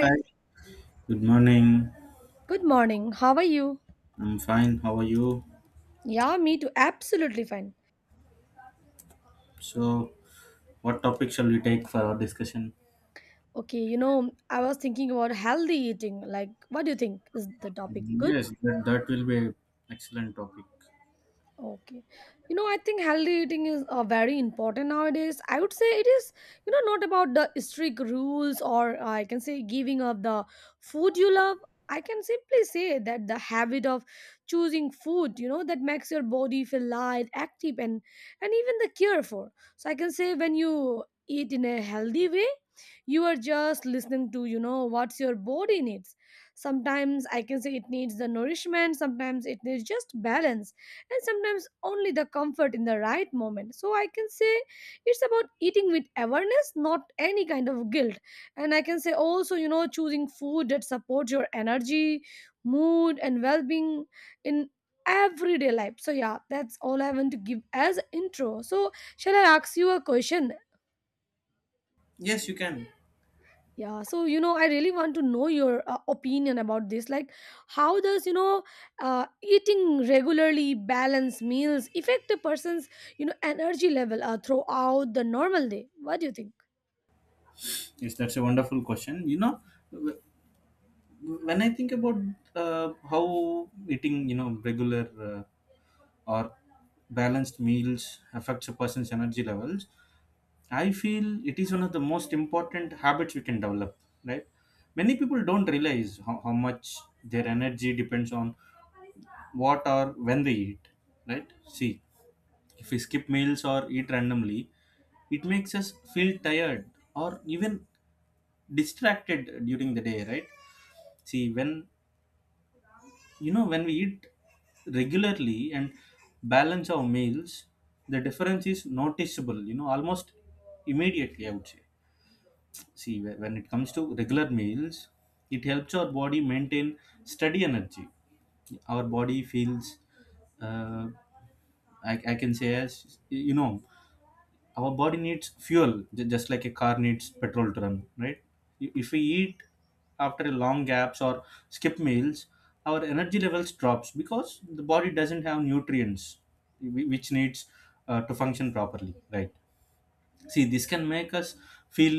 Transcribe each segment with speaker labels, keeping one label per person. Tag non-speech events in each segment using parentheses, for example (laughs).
Speaker 1: Hi, good morning.
Speaker 2: good morning. How are you?
Speaker 1: I'm fine. How are you?
Speaker 2: Yeah, me too. Absolutely fine.
Speaker 1: So, what topic shall we take for our discussion?
Speaker 2: Okay, I was thinking about healthy eating. Like, what do you think? Is the topic good?
Speaker 1: Yes, that will be an excellent topic.
Speaker 2: Okay. I think healthy eating is very important nowadays. I would say it is, not about the strict rules or I can say giving up the food you love. I can simply say that the habit of choosing food, that makes your body feel light, active, and even the care for. So I can say when you eat in a healthy way, you are just listening to what's your body needs. Sometimes I can say it needs the nourishment, sometimes it needs just balance, and sometimes only the comfort in the right moment. So I can say it's about eating with awareness, not any kind of guilt. And I can say also, choosing food that supports your energy, mood, and well being in everyday life. So yeah, that's all I want to give as intro. So shall I ask you a question?
Speaker 1: Yes, you can.
Speaker 2: Yeah, so I really want to know your opinion about this. Like, how does eating regularly balanced meals affect a person's energy level throughout the normal day? What do you think?
Speaker 1: Yes, that's a wonderful question. You know, wh- when I think about how eating, you know, regular or balanced meals affects a person's energy levels, I feel it is one of the most important habits we can develop, right? Many people don't realize how much their energy depends on what or when they eat, right? See, if we skip meals or eat randomly, it makes us feel tired or even distracted during the day, right? See, when you know when we eat regularly and balance our meals, the difference is noticeable, you know, almost immediately, I would say. See, when it comes to regular meals, it helps our body maintain steady energy. Our body feels uh, I can say, as you know, our body needs fuel just like a car needs petrol to run, right? If we eat after a long gaps or skip meals, our energy levels drops because the body doesn't have nutrients which needs to function properly, right? See, this can make us feel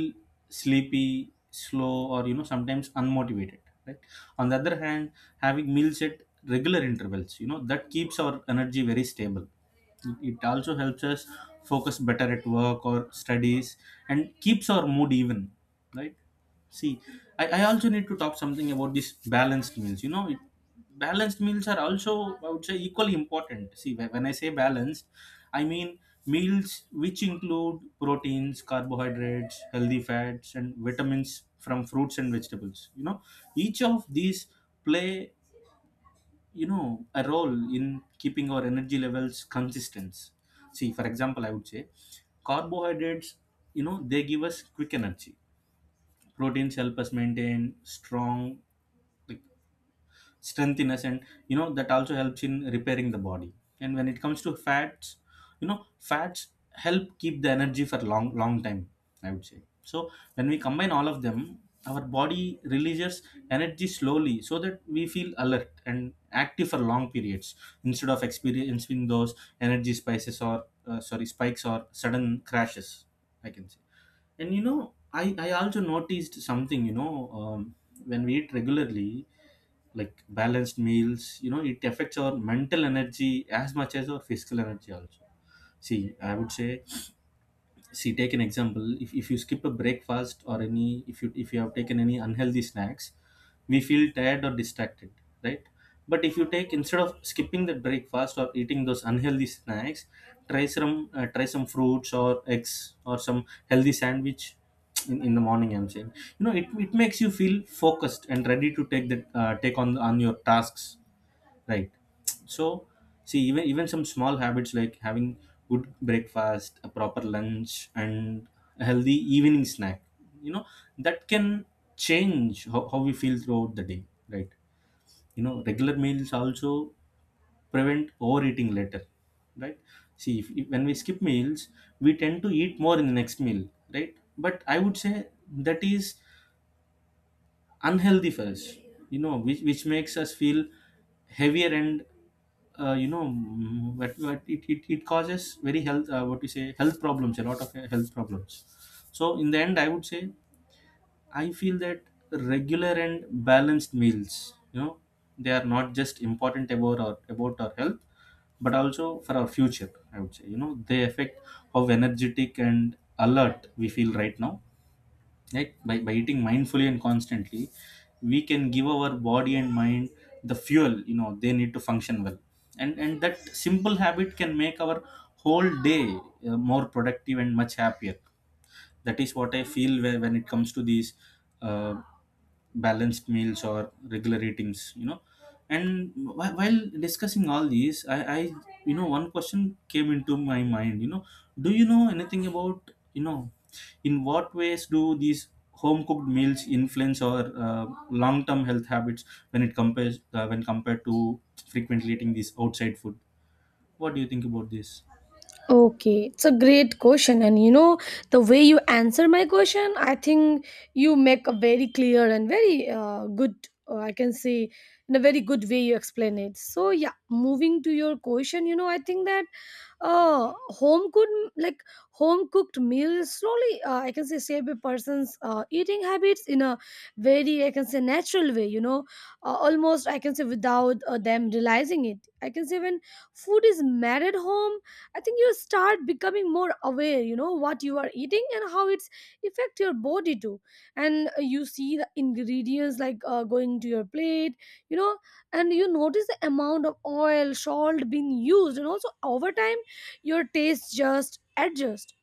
Speaker 1: sleepy, slow, or, you know, sometimes unmotivated, right? On the other hand, having meals at regular intervals, you know, that keeps our energy very stable. It also helps us focus better at work or studies and keeps our mood even, right? See, I also need to talk something about this balanced meals. You know, balanced meals are also, I would say, equally important. See, when I say balanced, I mean meals which include proteins, carbohydrates, healthy fats, and vitamins from fruits and vegetables. You know, each of these play, you know, a role in keeping our energy levels consistent. See, for example, I would say carbohydrates, you know, they give us quick energy. Proteins help us maintain strong, like, strength, and you know that also helps in repairing the body. And when it comes to fats, you know, fats help keep the energy for long time, I would say. So when we combine all of them, our body releases energy slowly so that we feel alert and active for long periods, instead of experiencing those energy spices or sorry, spikes or sudden crashes, I can say. And you know, I also noticed something, you know, when we eat regularly, like balanced meals, you know, it affects our mental energy as much as our physical energy also. See, I would say, see, take an example. If, you skip a breakfast or any, if you have taken any unhealthy snacks, we feel tired or distracted, right? But if you take, instead of skipping the breakfast or eating those unhealthy snacks, try some fruits or eggs or some healthy sandwich in the morning, I'm saying. You know, it makes you feel focused and ready to take that take on your tasks. Right. So, see, even some small habits like having good breakfast, a proper lunch, and a healthy evening snack, you know, that can change how we feel throughout the day, right? You know, regular meals also prevent overeating later, right? See, when we skip meals, we tend to eat more in the next meal, right? But I would say that is unhealthy for us, you know, which makes us feel heavier and you know, what it causes very health what we say, health problems, a lot of health problems. So in the end I would say I feel that regular and balanced meals, you know, they are not just important about our health but also for our future, I would say. You know, they affect how energetic and alert we feel right now, right? By eating mindfully and constantly, we can give our body and mind the fuel, you know, they need to function well. And that simple habit can make our whole day more productive and much happier. That is what I feel when it comes to these uh, balanced meals or regular eatings, you know. And while discussing all these, I you know, one question came into my mind. You know, do you know anything about, you know, in what ways do these home cooked meals influence our long term health habits when it compares when compared to frequently eating this outside food? What do you think about this?
Speaker 2: Okay, it's a great question, and the way you answer my question, I think you make a very clear and very good. I can say in a very good way you explain it. So yeah, moving to your question, I think that uh, home cooked like home cooked meals slowly I can say shape a person's eating habits in a very I can say natural way. Almost I can say without them realizing it. I can say when food is made at home, I think you start becoming more aware, what you are eating and how it's affect your body too. And you see the ingredients like going to your plate, you know, and you notice the amount of oil, salt being used, and also over time, your taste just adjust,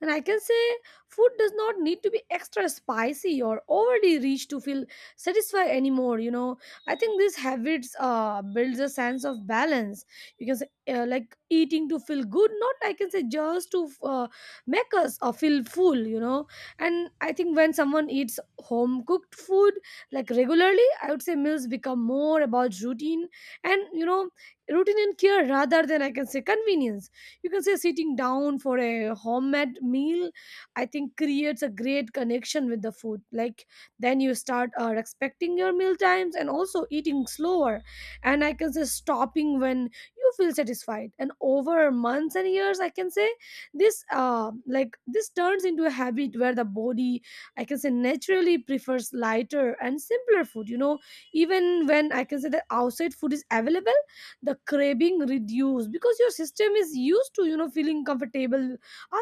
Speaker 2: and I can say food does not need to be extra spicy or overly rich to feel satisfied anymore. I think these habits builds a sense of balance. You can say like eating to feel good, not I can say just to make us feel full. And I think when someone eats home cooked food like regularly, I would say meals become more about routine and routine and care rather than I can say convenience. You can say sitting down for a homemade meal, I think, creates a great connection with the food, like then you start respecting your meal times and also eating slower, and I can say stopping when you feel satisfied. And over months and years, I can say this uh, this turns into a habit where the body, I can say, naturally prefers lighter and simpler food. Even when I can say the outside food is available, the craving reduce because your system is used to feeling comfortable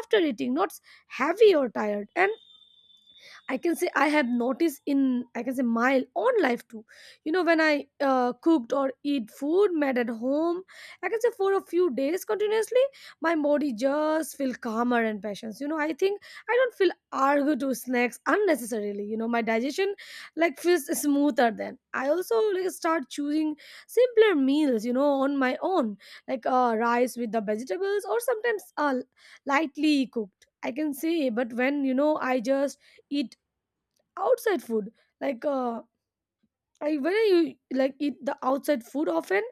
Speaker 2: after eating, not heavy or tired. And I can say I have noticed in, I can say, my own life too, when I cooked or eat food made at home, I can say, for a few days continuously, my body just feel calmer and patience. I think I don't feel argue to snacks unnecessarily. My digestion like feels smoother. Then I also like start choosing simpler meals on my own, like rice with the vegetables, or sometimes lightly cooked, I can say. But when I just eat outside food, like when I like eat the outside food often,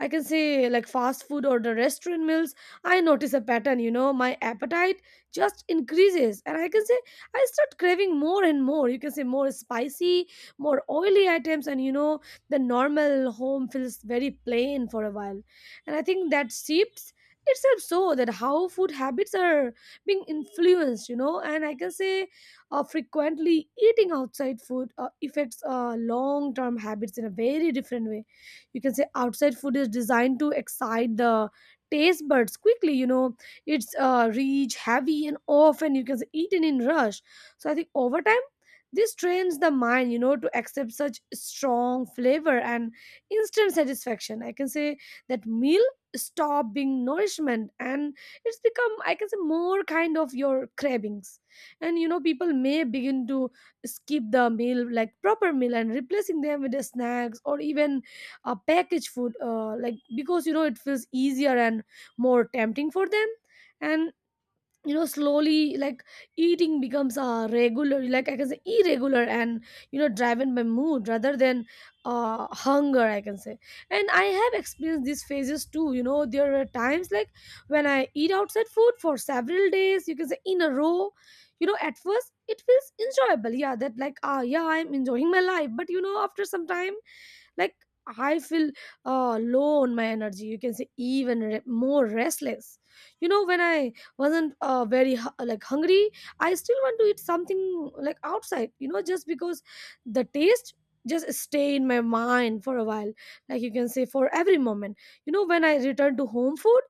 Speaker 2: I can say, like fast food or the restaurant meals, I notice a pattern. My appetite just increases, and I can say I start craving more and more. You can say more spicy, more oily items, and the normal home feels very plain for a while. And I think that shifts itself, so that how food habits are being influenced. And I can say frequently eating outside food affects long-term habits in a very different way. You can say outside food is designed to excite the taste buds quickly. It's rich, heavy, and often you can say eaten in rush. So I think over time, this trains the mind to accept such strong flavor and instant satisfaction. I can say that meal stop being nourishment, and it's become, I can say, more kind of your cravings. And people may begin to skip the meal, like proper meal, and replacing them with the snacks or even a packaged food like, because it feels easier and more tempting for them. And slowly like eating becomes a regular, like I can say irregular, and driven by mood rather than hunger, I can say. And I have experienced these phases too. There were times, like when I eat outside food for several days, you can say, in a row. At first it feels enjoyable, yeah, that like, yeah, I'm enjoying my life. But after some time, like I feel low on my energy. You can say even more restless. When I wasn't very like hungry, I still want to eat something like outside, just because the taste just stay in my mind for a while, like, you can say for every moment. When I return to home food,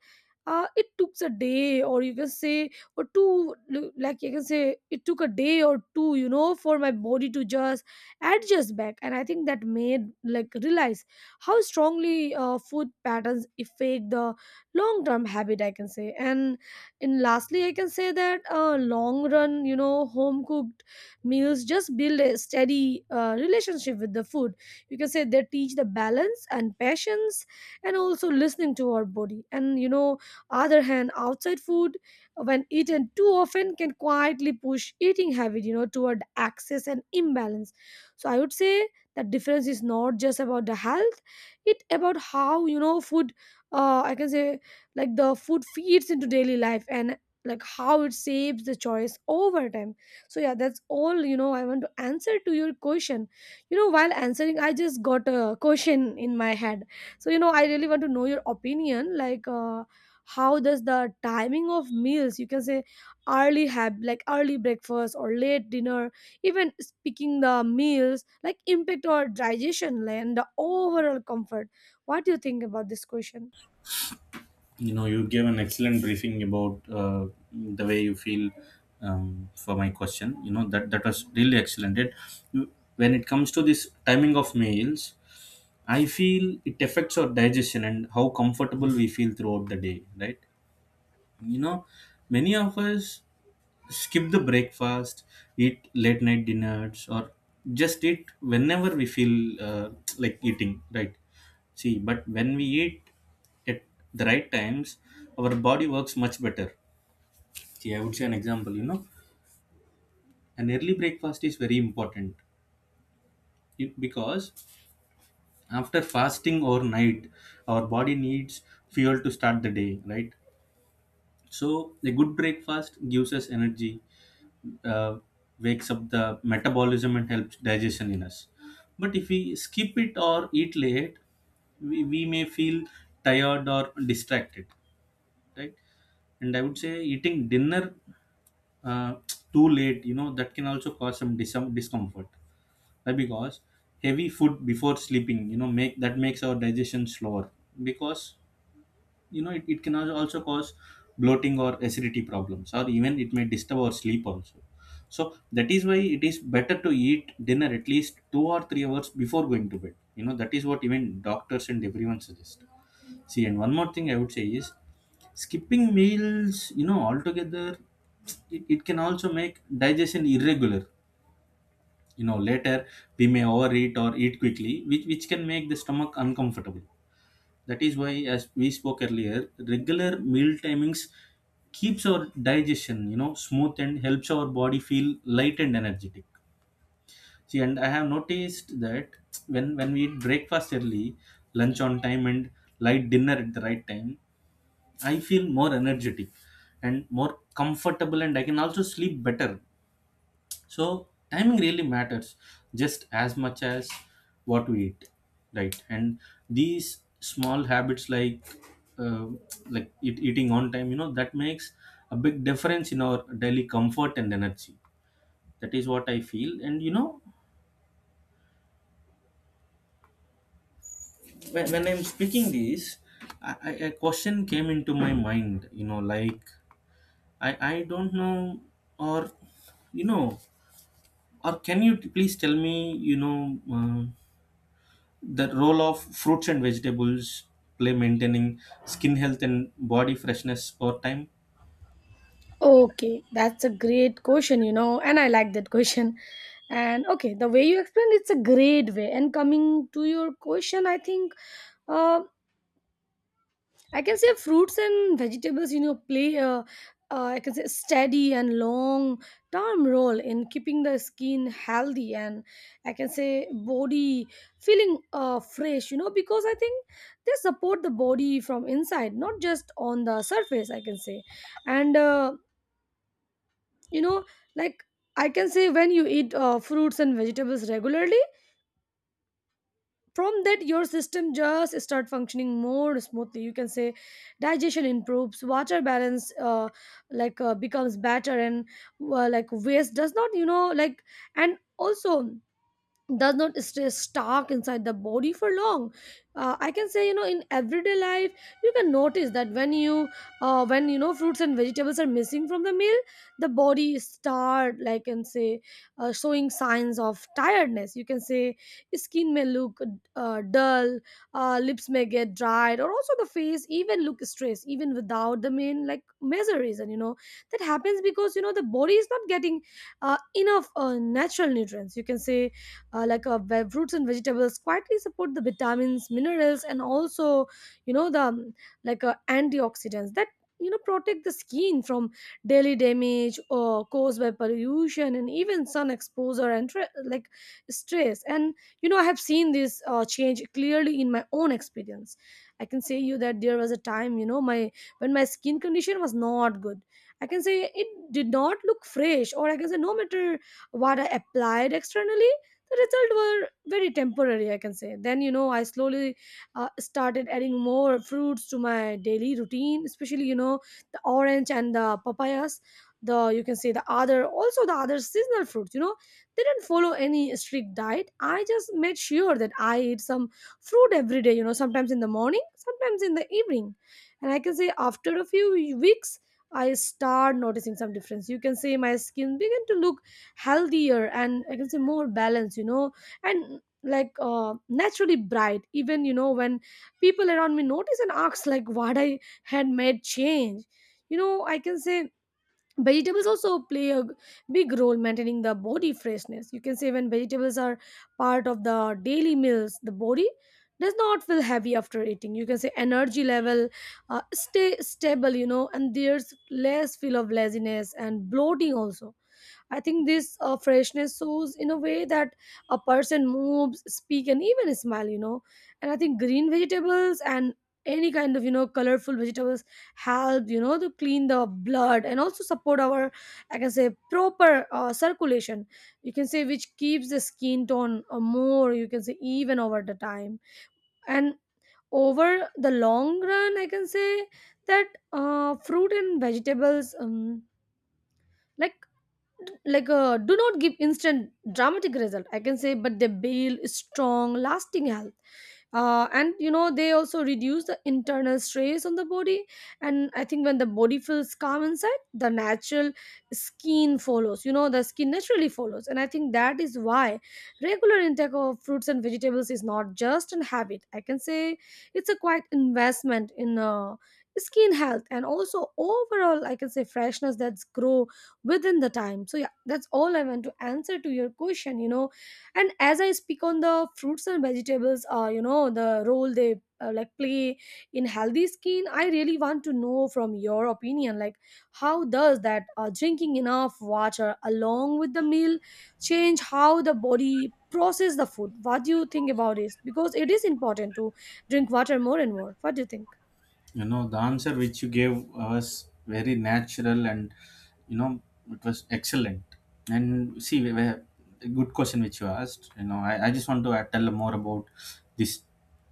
Speaker 2: it took a day or, you can say, or two, like, you can say, it took a day or two, for my body to just adjust back. And I think that made like realize how strongly food patterns affect the long term habit, I can say. And lastly, I can say that long run, home cooked meals just build a steady relationship with the food. You can say they teach the balance and patience, and also listening to our body. And other hand, outside food when eaten too often can quietly push eating habit toward excess and imbalance. So I would say that difference is not just about the health, it about how food, I can say, like, the food feeds into daily life, and like, how it shapes the choice over time. So yeah, that's all, I want to answer to your question. While answering, I just got a question in my head. So I really want to know your opinion, like, how does the timing of meals, you can say early have, like early breakfast or late dinner, even speaking the meals like, impact or digestion and the overall comfort. What do you think about this question?
Speaker 1: You know, you gave an excellent briefing about the way you feel for my question. You know, that was really excellent. It, when it comes to this timing of meals, I feel it affects our digestion and how comfortable we feel throughout the day, right? You know, many of us skip the breakfast, eat late night dinners, or just eat whenever we feel like eating, right? See, but when we eat at the right times, our body works much better. See, I would say an example, you know, an early breakfast is very important. Because after fasting overnight, our body needs fuel to start the day, right? So, a good breakfast gives us energy, uh, wakes up the metabolism and helps digestion in us. But if we skip it or eat late, we may feel tired or distracted, right? And I would say eating dinner uh, too late, you know, that can also cause some discomfort, right? Because heavy food before sleeping, you know, make that makes our digestion slower. Because you know it can also cause bloating or acidity problems, or even it may disturb our sleep also. So that is why it is better to eat dinner at least 2 or 3 hours before going to bed, you know, that is what even doctors and everyone suggest. See, and one more thing I would say is skipping meals, you know, altogether, it can also make digestion irregular. You know, later we may overeat or eat quickly, which can make the stomach uncomfortable. That is why, as we spoke earlier, regular meal timings keeps our digestion, you know, smooth and helps our body feel light and energetic. See, and I have noticed that when we eat breakfast early, lunch on time, and light dinner at the right time, I feel more energetic and more comfortable, and I can also sleep better. So timing really matters just as much as what we eat, right? And these small habits uh, like eating on time, you know, that makes a big difference in our daily comfort and energy. That is what I feel. And you know, when I'm speaking these, a question came into my mind. You know, like I don't know, or you know, or can you please tell me, you know. The role of fruits and vegetables play maintaining skin health and body freshness over time.
Speaker 2: Okay, that's a great question, and I like that question. And okay, the way you explained, it's a great way. And coming to your question, I think, uh, I can say fruits and vegetables, play a, I can say steady and long term role in keeping the skin healthy, and I can say body feeling fresh, because I think they support the body from inside, not just on the surface, I can say. And, you know, like I can say when you eat fruits and vegetables regularly, from that your system just start functioning more smoothly you can say. Digestion improves, water balance becomes better and waste does not and also does not stay stuck inside the body for long. I can say in everyday life you can notice that when you know fruits and vegetables are missing from the meal, the body start like can say showing signs of tiredness, you can say. Skin may look dull, lips may get dried, or also the face even look stressed even without the main like major reason, you know. That happens because the body is not getting enough natural nutrients, you can say. Fruits and vegetables quietly support the vitamins, minerals, and also you know the like antioxidants that protect the skin from daily damage or caused by pollution and even sun exposure and stress and you know. I have seen this change clearly in my own experience. I can say you that there was a time, you know, my when my skin condition was not good, I can say. It did not look fresh, or I can say, no matter what I applied externally, the results were very temporary, I can say. Then, you know, I slowly started adding more fruits to my daily routine, especially, you know, the orange and the papayas, the, you can say, the other, also the other seasonal fruits, you know. They didn't follow any strict diet. I just made sure that I eat some fruit every day, you know, sometimes in the morning, sometimes in the evening. And I can say after a few weeks, I start noticing some difference, you can say. My skin began to look healthier and, I can say, more balanced, you know, and naturally bright even, you know, when people around me notice and ask like what I had made change, you know. I can say vegetables also play a big role maintaining the body freshness, you can say. When vegetables are part of the daily meals, the body does not feel heavy after eating, you can say. Energy level stay stable, you know, and there's less feel of laziness and bloating also. I think this freshness shows in a way that a person moves, speak, and even smile, you know. And I think green vegetables and any kind of, you know, colorful vegetables help, you know, to clean the blood and also support our, I can say, proper circulation, you can say, which keeps the skin tone more, you can say, even over the time. And over the long run, I can say that fruit and vegetables like do not give instant dramatic result, I can say, but they build strong lasting health. And you know, they also reduce the internal stress on the body. And I think when the body feels calm inside, the natural skin follows, you know, the skin naturally follows. And I think that is why regular intake of fruits and vegetables is not just an habit, I can say. It's a quite investment in skin health and also overall, I can say, freshness that's grow within the time. So yeah, that's all I want to answer to your question, you know. And as I speak on the fruits and vegetables, you know, the role they play in healthy skin, I really want to know from your opinion like how does that drinking enough water along with the meal change how the body process the food. What do you think about it? Because it is important to drink water more and more. What do you think?
Speaker 1: You know, the answer which you gave was very natural and, you know, it was excellent. And see, we were a good question which you asked, you know. I just want to tell more about this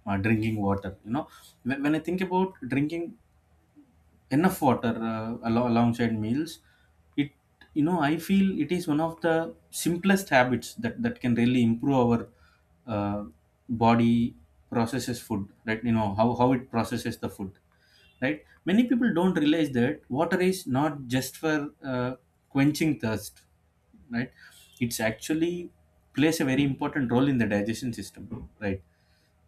Speaker 1: drinking water, you know. When I think about drinking enough water alongside meals, it, you know, I feel it is one of the simplest habits that can really improve our uh, body processes food, right? You know, how it processes the food, right? Many people don't realize that water is not just for uh, quenching thirst, right? It's actually plays a very important role in the digestion system, right?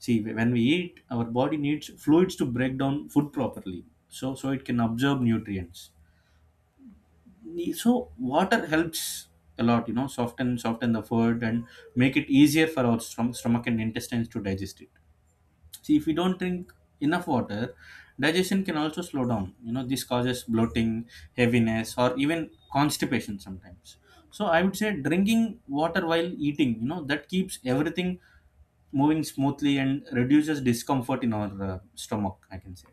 Speaker 1: See, when we eat, our body needs fluids to break down food properly, so it can absorb nutrients. So water helps a lot, you know, soften the food and make it easier for our stomach and intestines to digest it. See, if we don't drink enough water, digestion can also slow down. You know, this causes bloating, heaviness, or even constipation sometimes. So, I would say drinking water while eating, you know, that keeps everything moving smoothly and reduces discomfort in our stomach, I can say.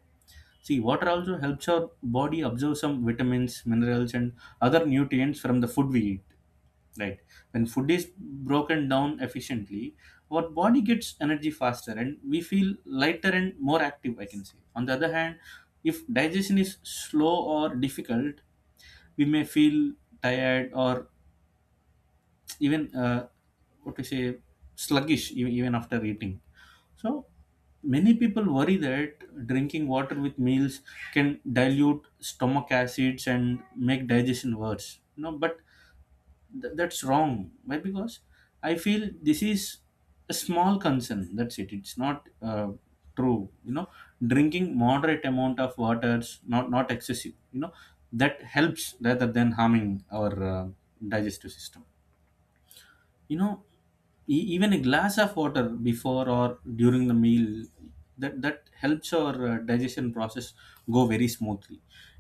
Speaker 1: See, water also helps our body absorb some vitamins, minerals, and other nutrients from the food we eat, right? When food is broken down efficiently, our body gets energy faster and we feel lighter and more active, I can say. On the other hand, if digestion is slow or difficult, we may feel tired or even what to say sluggish even after eating. So many people worry that drinking water with meals can dilute stomach acids and make digestion worse, you know, but Th- that's wrong. Why? Because I feel this is a small concern. That's it. It's not true. You know, drinking moderate amount of waters, not excessive. You know, that helps rather than harming our digestive system. you know Even a glass of water before or during the meal that helps our digestion process go very smoothly.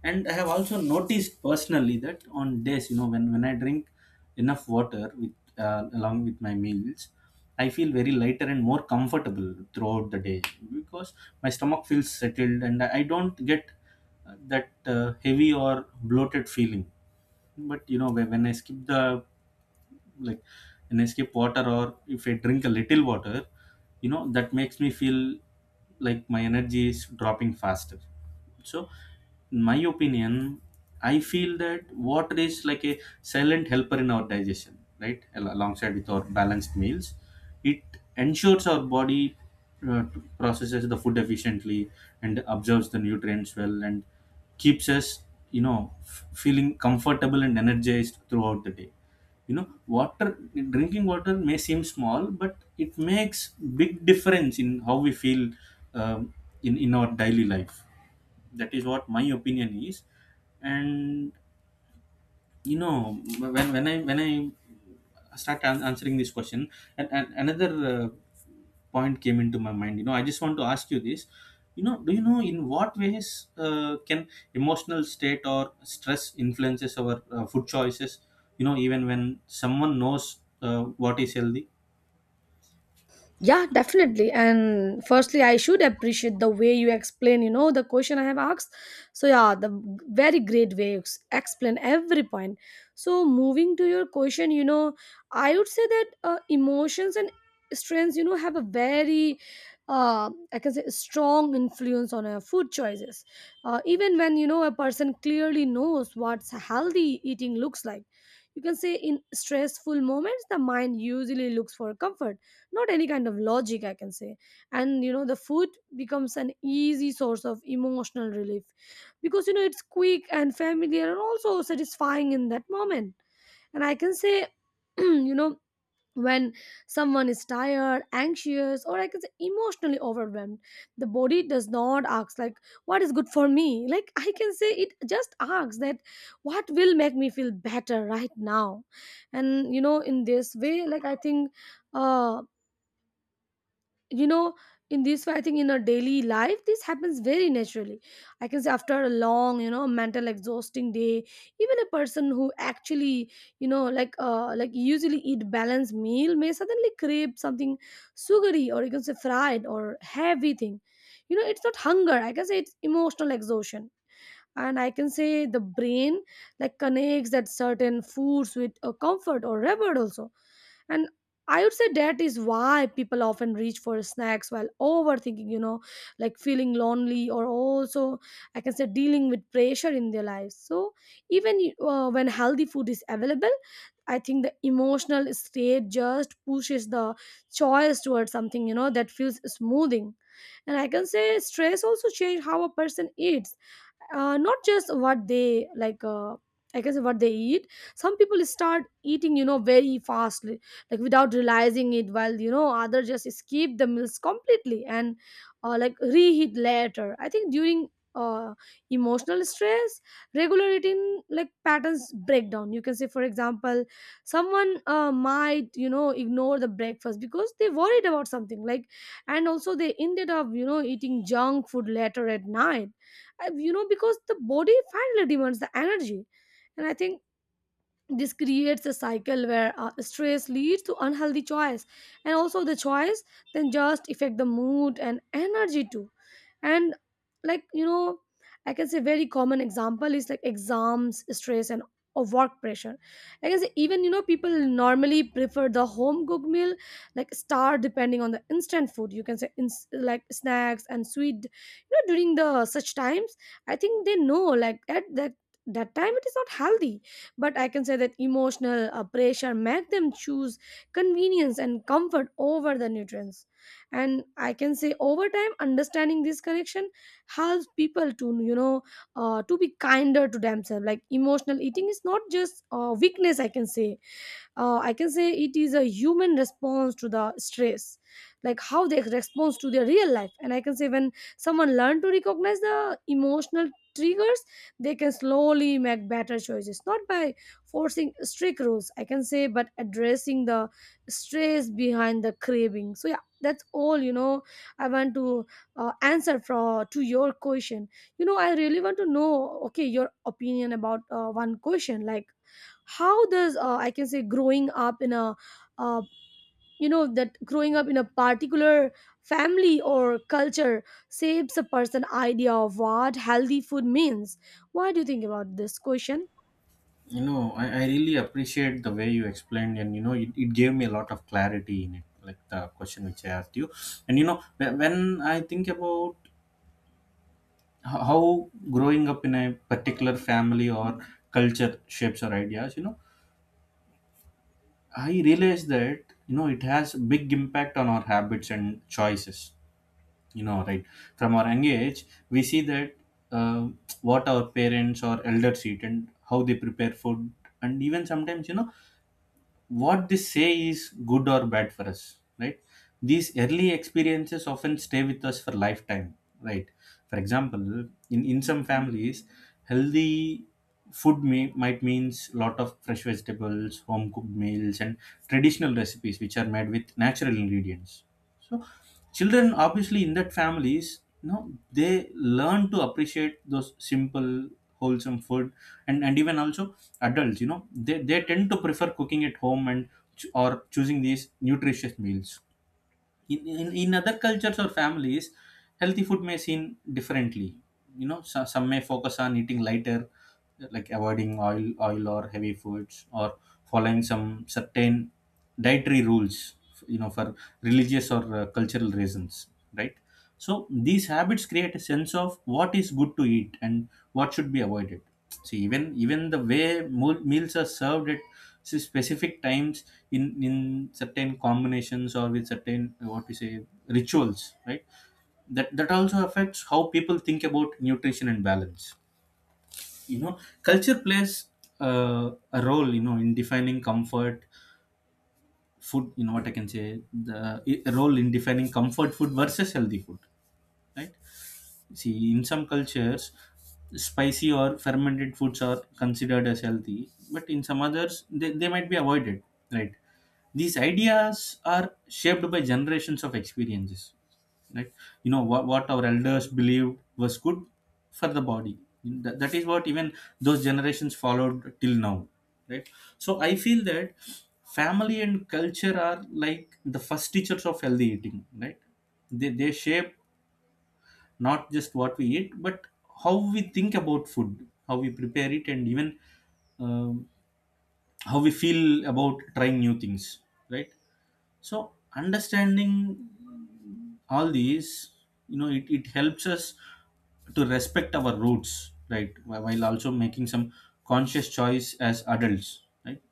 Speaker 1: And I have also noticed personally that on days, when I drink enough water with along with my meals, I feel very lighter and more comfortable throughout the day, because my stomach feels settled and I don't get that heavy or bloated feeling. But you know, when I skip the, like, an skip water or if I drink a little water, you know, that makes me feel like my energy is dropping faster. So in my opinion, I feel that water is like a silent helper in our digestion, right, alongside with our balanced meals. It ensures our body uh, processes the food efficiently and absorbs the nutrients well, and keeps us, you know, feeling comfortable and energized throughout the day. You know, water, drinking water may seem small, but it makes big difference in how we feel um, in our daily life. That is what my opinion is. And you know, when I start answering this question, and another point came into my mind. You know, I just want to ask you this. You know, do you know in what ways can emotional state or stress influences our food choices, you know, even when someone knows what is healthy?
Speaker 2: Yeah, definitely. And firstly, I should appreciate the way you explain, you know, the question I have asked. So yeah, the very great way you explain every point. So moving to your question, you know, I would say that emotions and strengths, you know, have a very, I can say, strong influence on our food choices. Even when, you know, a person clearly knows what's healthy eating looks like. You can say in stressful moments, the mind usually looks for comfort, not any kind of logic, I can say. And you know, the food becomes an easy source of emotional relief, because you know, it's quick and familiar and also satisfying in that moment. And I can say (clears throat) you know, when someone is tired, anxious, or I can say emotionally overwhelmed, the body does not ask like what is good for me, like (laughs) I can say it just asks that what will make me feel better right now. And you know, in this way like I think uh you know in this way, I think in our daily life this happens very naturally. I can say after a long, you know, mental exhausting day, even a person who actually, you know, usually eat balanced meal may suddenly crave something sugary, or you can say fried or heavy thing. You know, it's not hunger, I can say, it's emotional exhaustion. And I can say the brain like connects that certain foods with a comfort or reward also. And I would say that is why people often reach for snacks while overthinking, you know, like feeling lonely, or also I can say dealing with pressure in their lives. So even when healthy food is available, I think the emotional state just pushes the choice towards something, you know, that feels smoothing. And I can say stress also change how a person eats, not just what they like, I guess what they eat. Some people start eating, you know, very fast like without realizing it, while you know, others just skip the meals completely and reheat later. I think during uh, emotional stress, regular eating like patterns break down, you can say. For example, someone might, you know, ignore the breakfast because they worried about something like, and also they ended up, you know, eating junk food later at night. You know, because the body finally demands the energy. And I think this creates a cycle where stress leads to unhealthy choice, and also the choice then just affect the mood and energy too. And like you know, I can say very common example is like exams stress and or work pressure, I can say. Even you know, people normally prefer the home cooked meal, like star depending on the instant food, you can say, snacks and sweet, you know, during the such times. I think they know like at that, that time it is not healthy, but I can say that emotional pressure make them choose convenience and comfort over the nutrients. And I can say over time understanding this connection helps people to, you know, to be kinder to themselves. Like emotional eating is not just weakness, I can say. I can say it is a human response to the stress, like how they respond to their real life. And I can say when someone learn to recognize the emotional triggers, they can slowly make better choices, not by forcing strict rules, I can say, but addressing the stress behind the craving. So yeah, that's all, you know. I want to answer for to your question. You know, I really want to know okay your opinion about one question, like how does I can say growing up in a uh, particular family or culture shapes a person idea of what healthy food means. What do you think about this question?
Speaker 1: You know, I really appreciate the way you explained, and you know, it gave me a lot of clarity in it, like the question which I asked you. And you know, when I think about how growing up in a particular family or culture shapes our ideas, you know, I realize that, you know, it has big impact on our habits and choices, you know. Right from our young age, we see that uh, what our parents or elders eat and how they prepare food, and even sometimes, you know, what they say is good or bad for us, right? These early experiences often stay with us for lifetime, right? For example, in some families, healthy food might means lot of fresh vegetables, home cooked meals and traditional recipes which are made with natural ingredients. So children obviously in that families, you know, they learn to appreciate those simple wholesome food. And even also adults, you know, they tend to prefer cooking at home and or choosing these nutritious meals. In other cultures or families, healthy food may seen differently, you know. So some may focus on eating lighter, like avoiding oil or heavy foods, or following some certain dietary rules, you know, for religious or cultural reasons, right? So these habits create a sense of what is good to eat and what should be avoided. See, even the way meals are served at specific times, in certain combinations or with certain, what we say, rituals, right? That also affects how people think about nutrition and balance. You know, culture plays a role, you know, in defining comfort food. You know what I can say, the a role in defining comfort food versus healthy food, right? See, in some cultures, spicy or fermented foods are considered as healthy, but in some others, they might be avoided, right? These ideas are shaped by generations of experiences, right? You know, what our elders believed was good for the body. That is what even those generations followed till now, right? So I feel that family and culture are like the first teachers of healthy eating, right? They shape not just what we eat, but how we think about food, how we prepare it, and even um, how we feel about trying new things, right? So understanding all these, you know, it helps us to respect our roots, right, while also making some conscious choice as adults, right,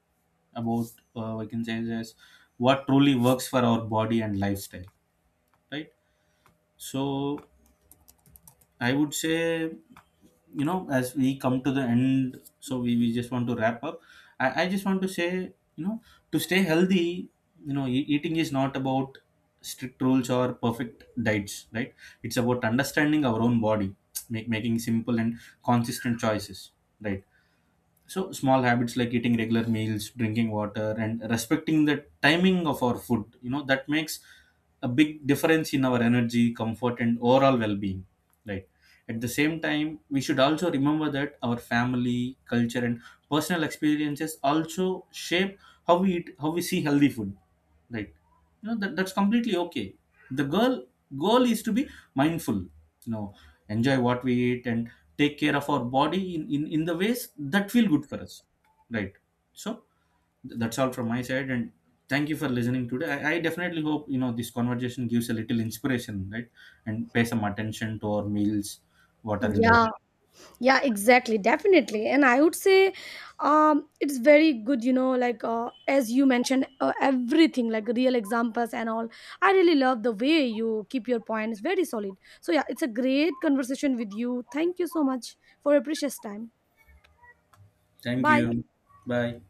Speaker 1: about I can say as what truly works for our body and lifestyle, right? So I would say, you know, as we come to the end, so we just want to wrap up. I just want to say, you know, to stay healthy, you know, eating is not about strict rules or perfect diets, right? It's about understanding our own body, making simple and consistent choices, right? So small habits like eating regular meals, drinking water, and respecting the timing of our food, you know, that makes a big difference in our energy, comfort, and overall well-being. Right. At the same time, we should also remember that our family, culture, and personal experiences also shape how we eat, how we see healthy food, right? You know, that's completely okay. The girl goal is to be mindful, you know, enjoy what we eat and take care of our body in, in the ways that feel good for us, right? So that's all from my side. And thank you for listening today. I definitely hope, you know, this conversation gives a little inspiration, right, and pay some attention to our meals, water and everything.
Speaker 2: Yeah, yeah, exactly, definitely. And I would say, it's very good, you know, like as you mentioned everything like real examples and all. I really love the way you keep your points very solid. So yeah, it's a great conversation with you. Thank you so much for your precious time.
Speaker 1: Thank
Speaker 2: Bye.
Speaker 1: you. Bye.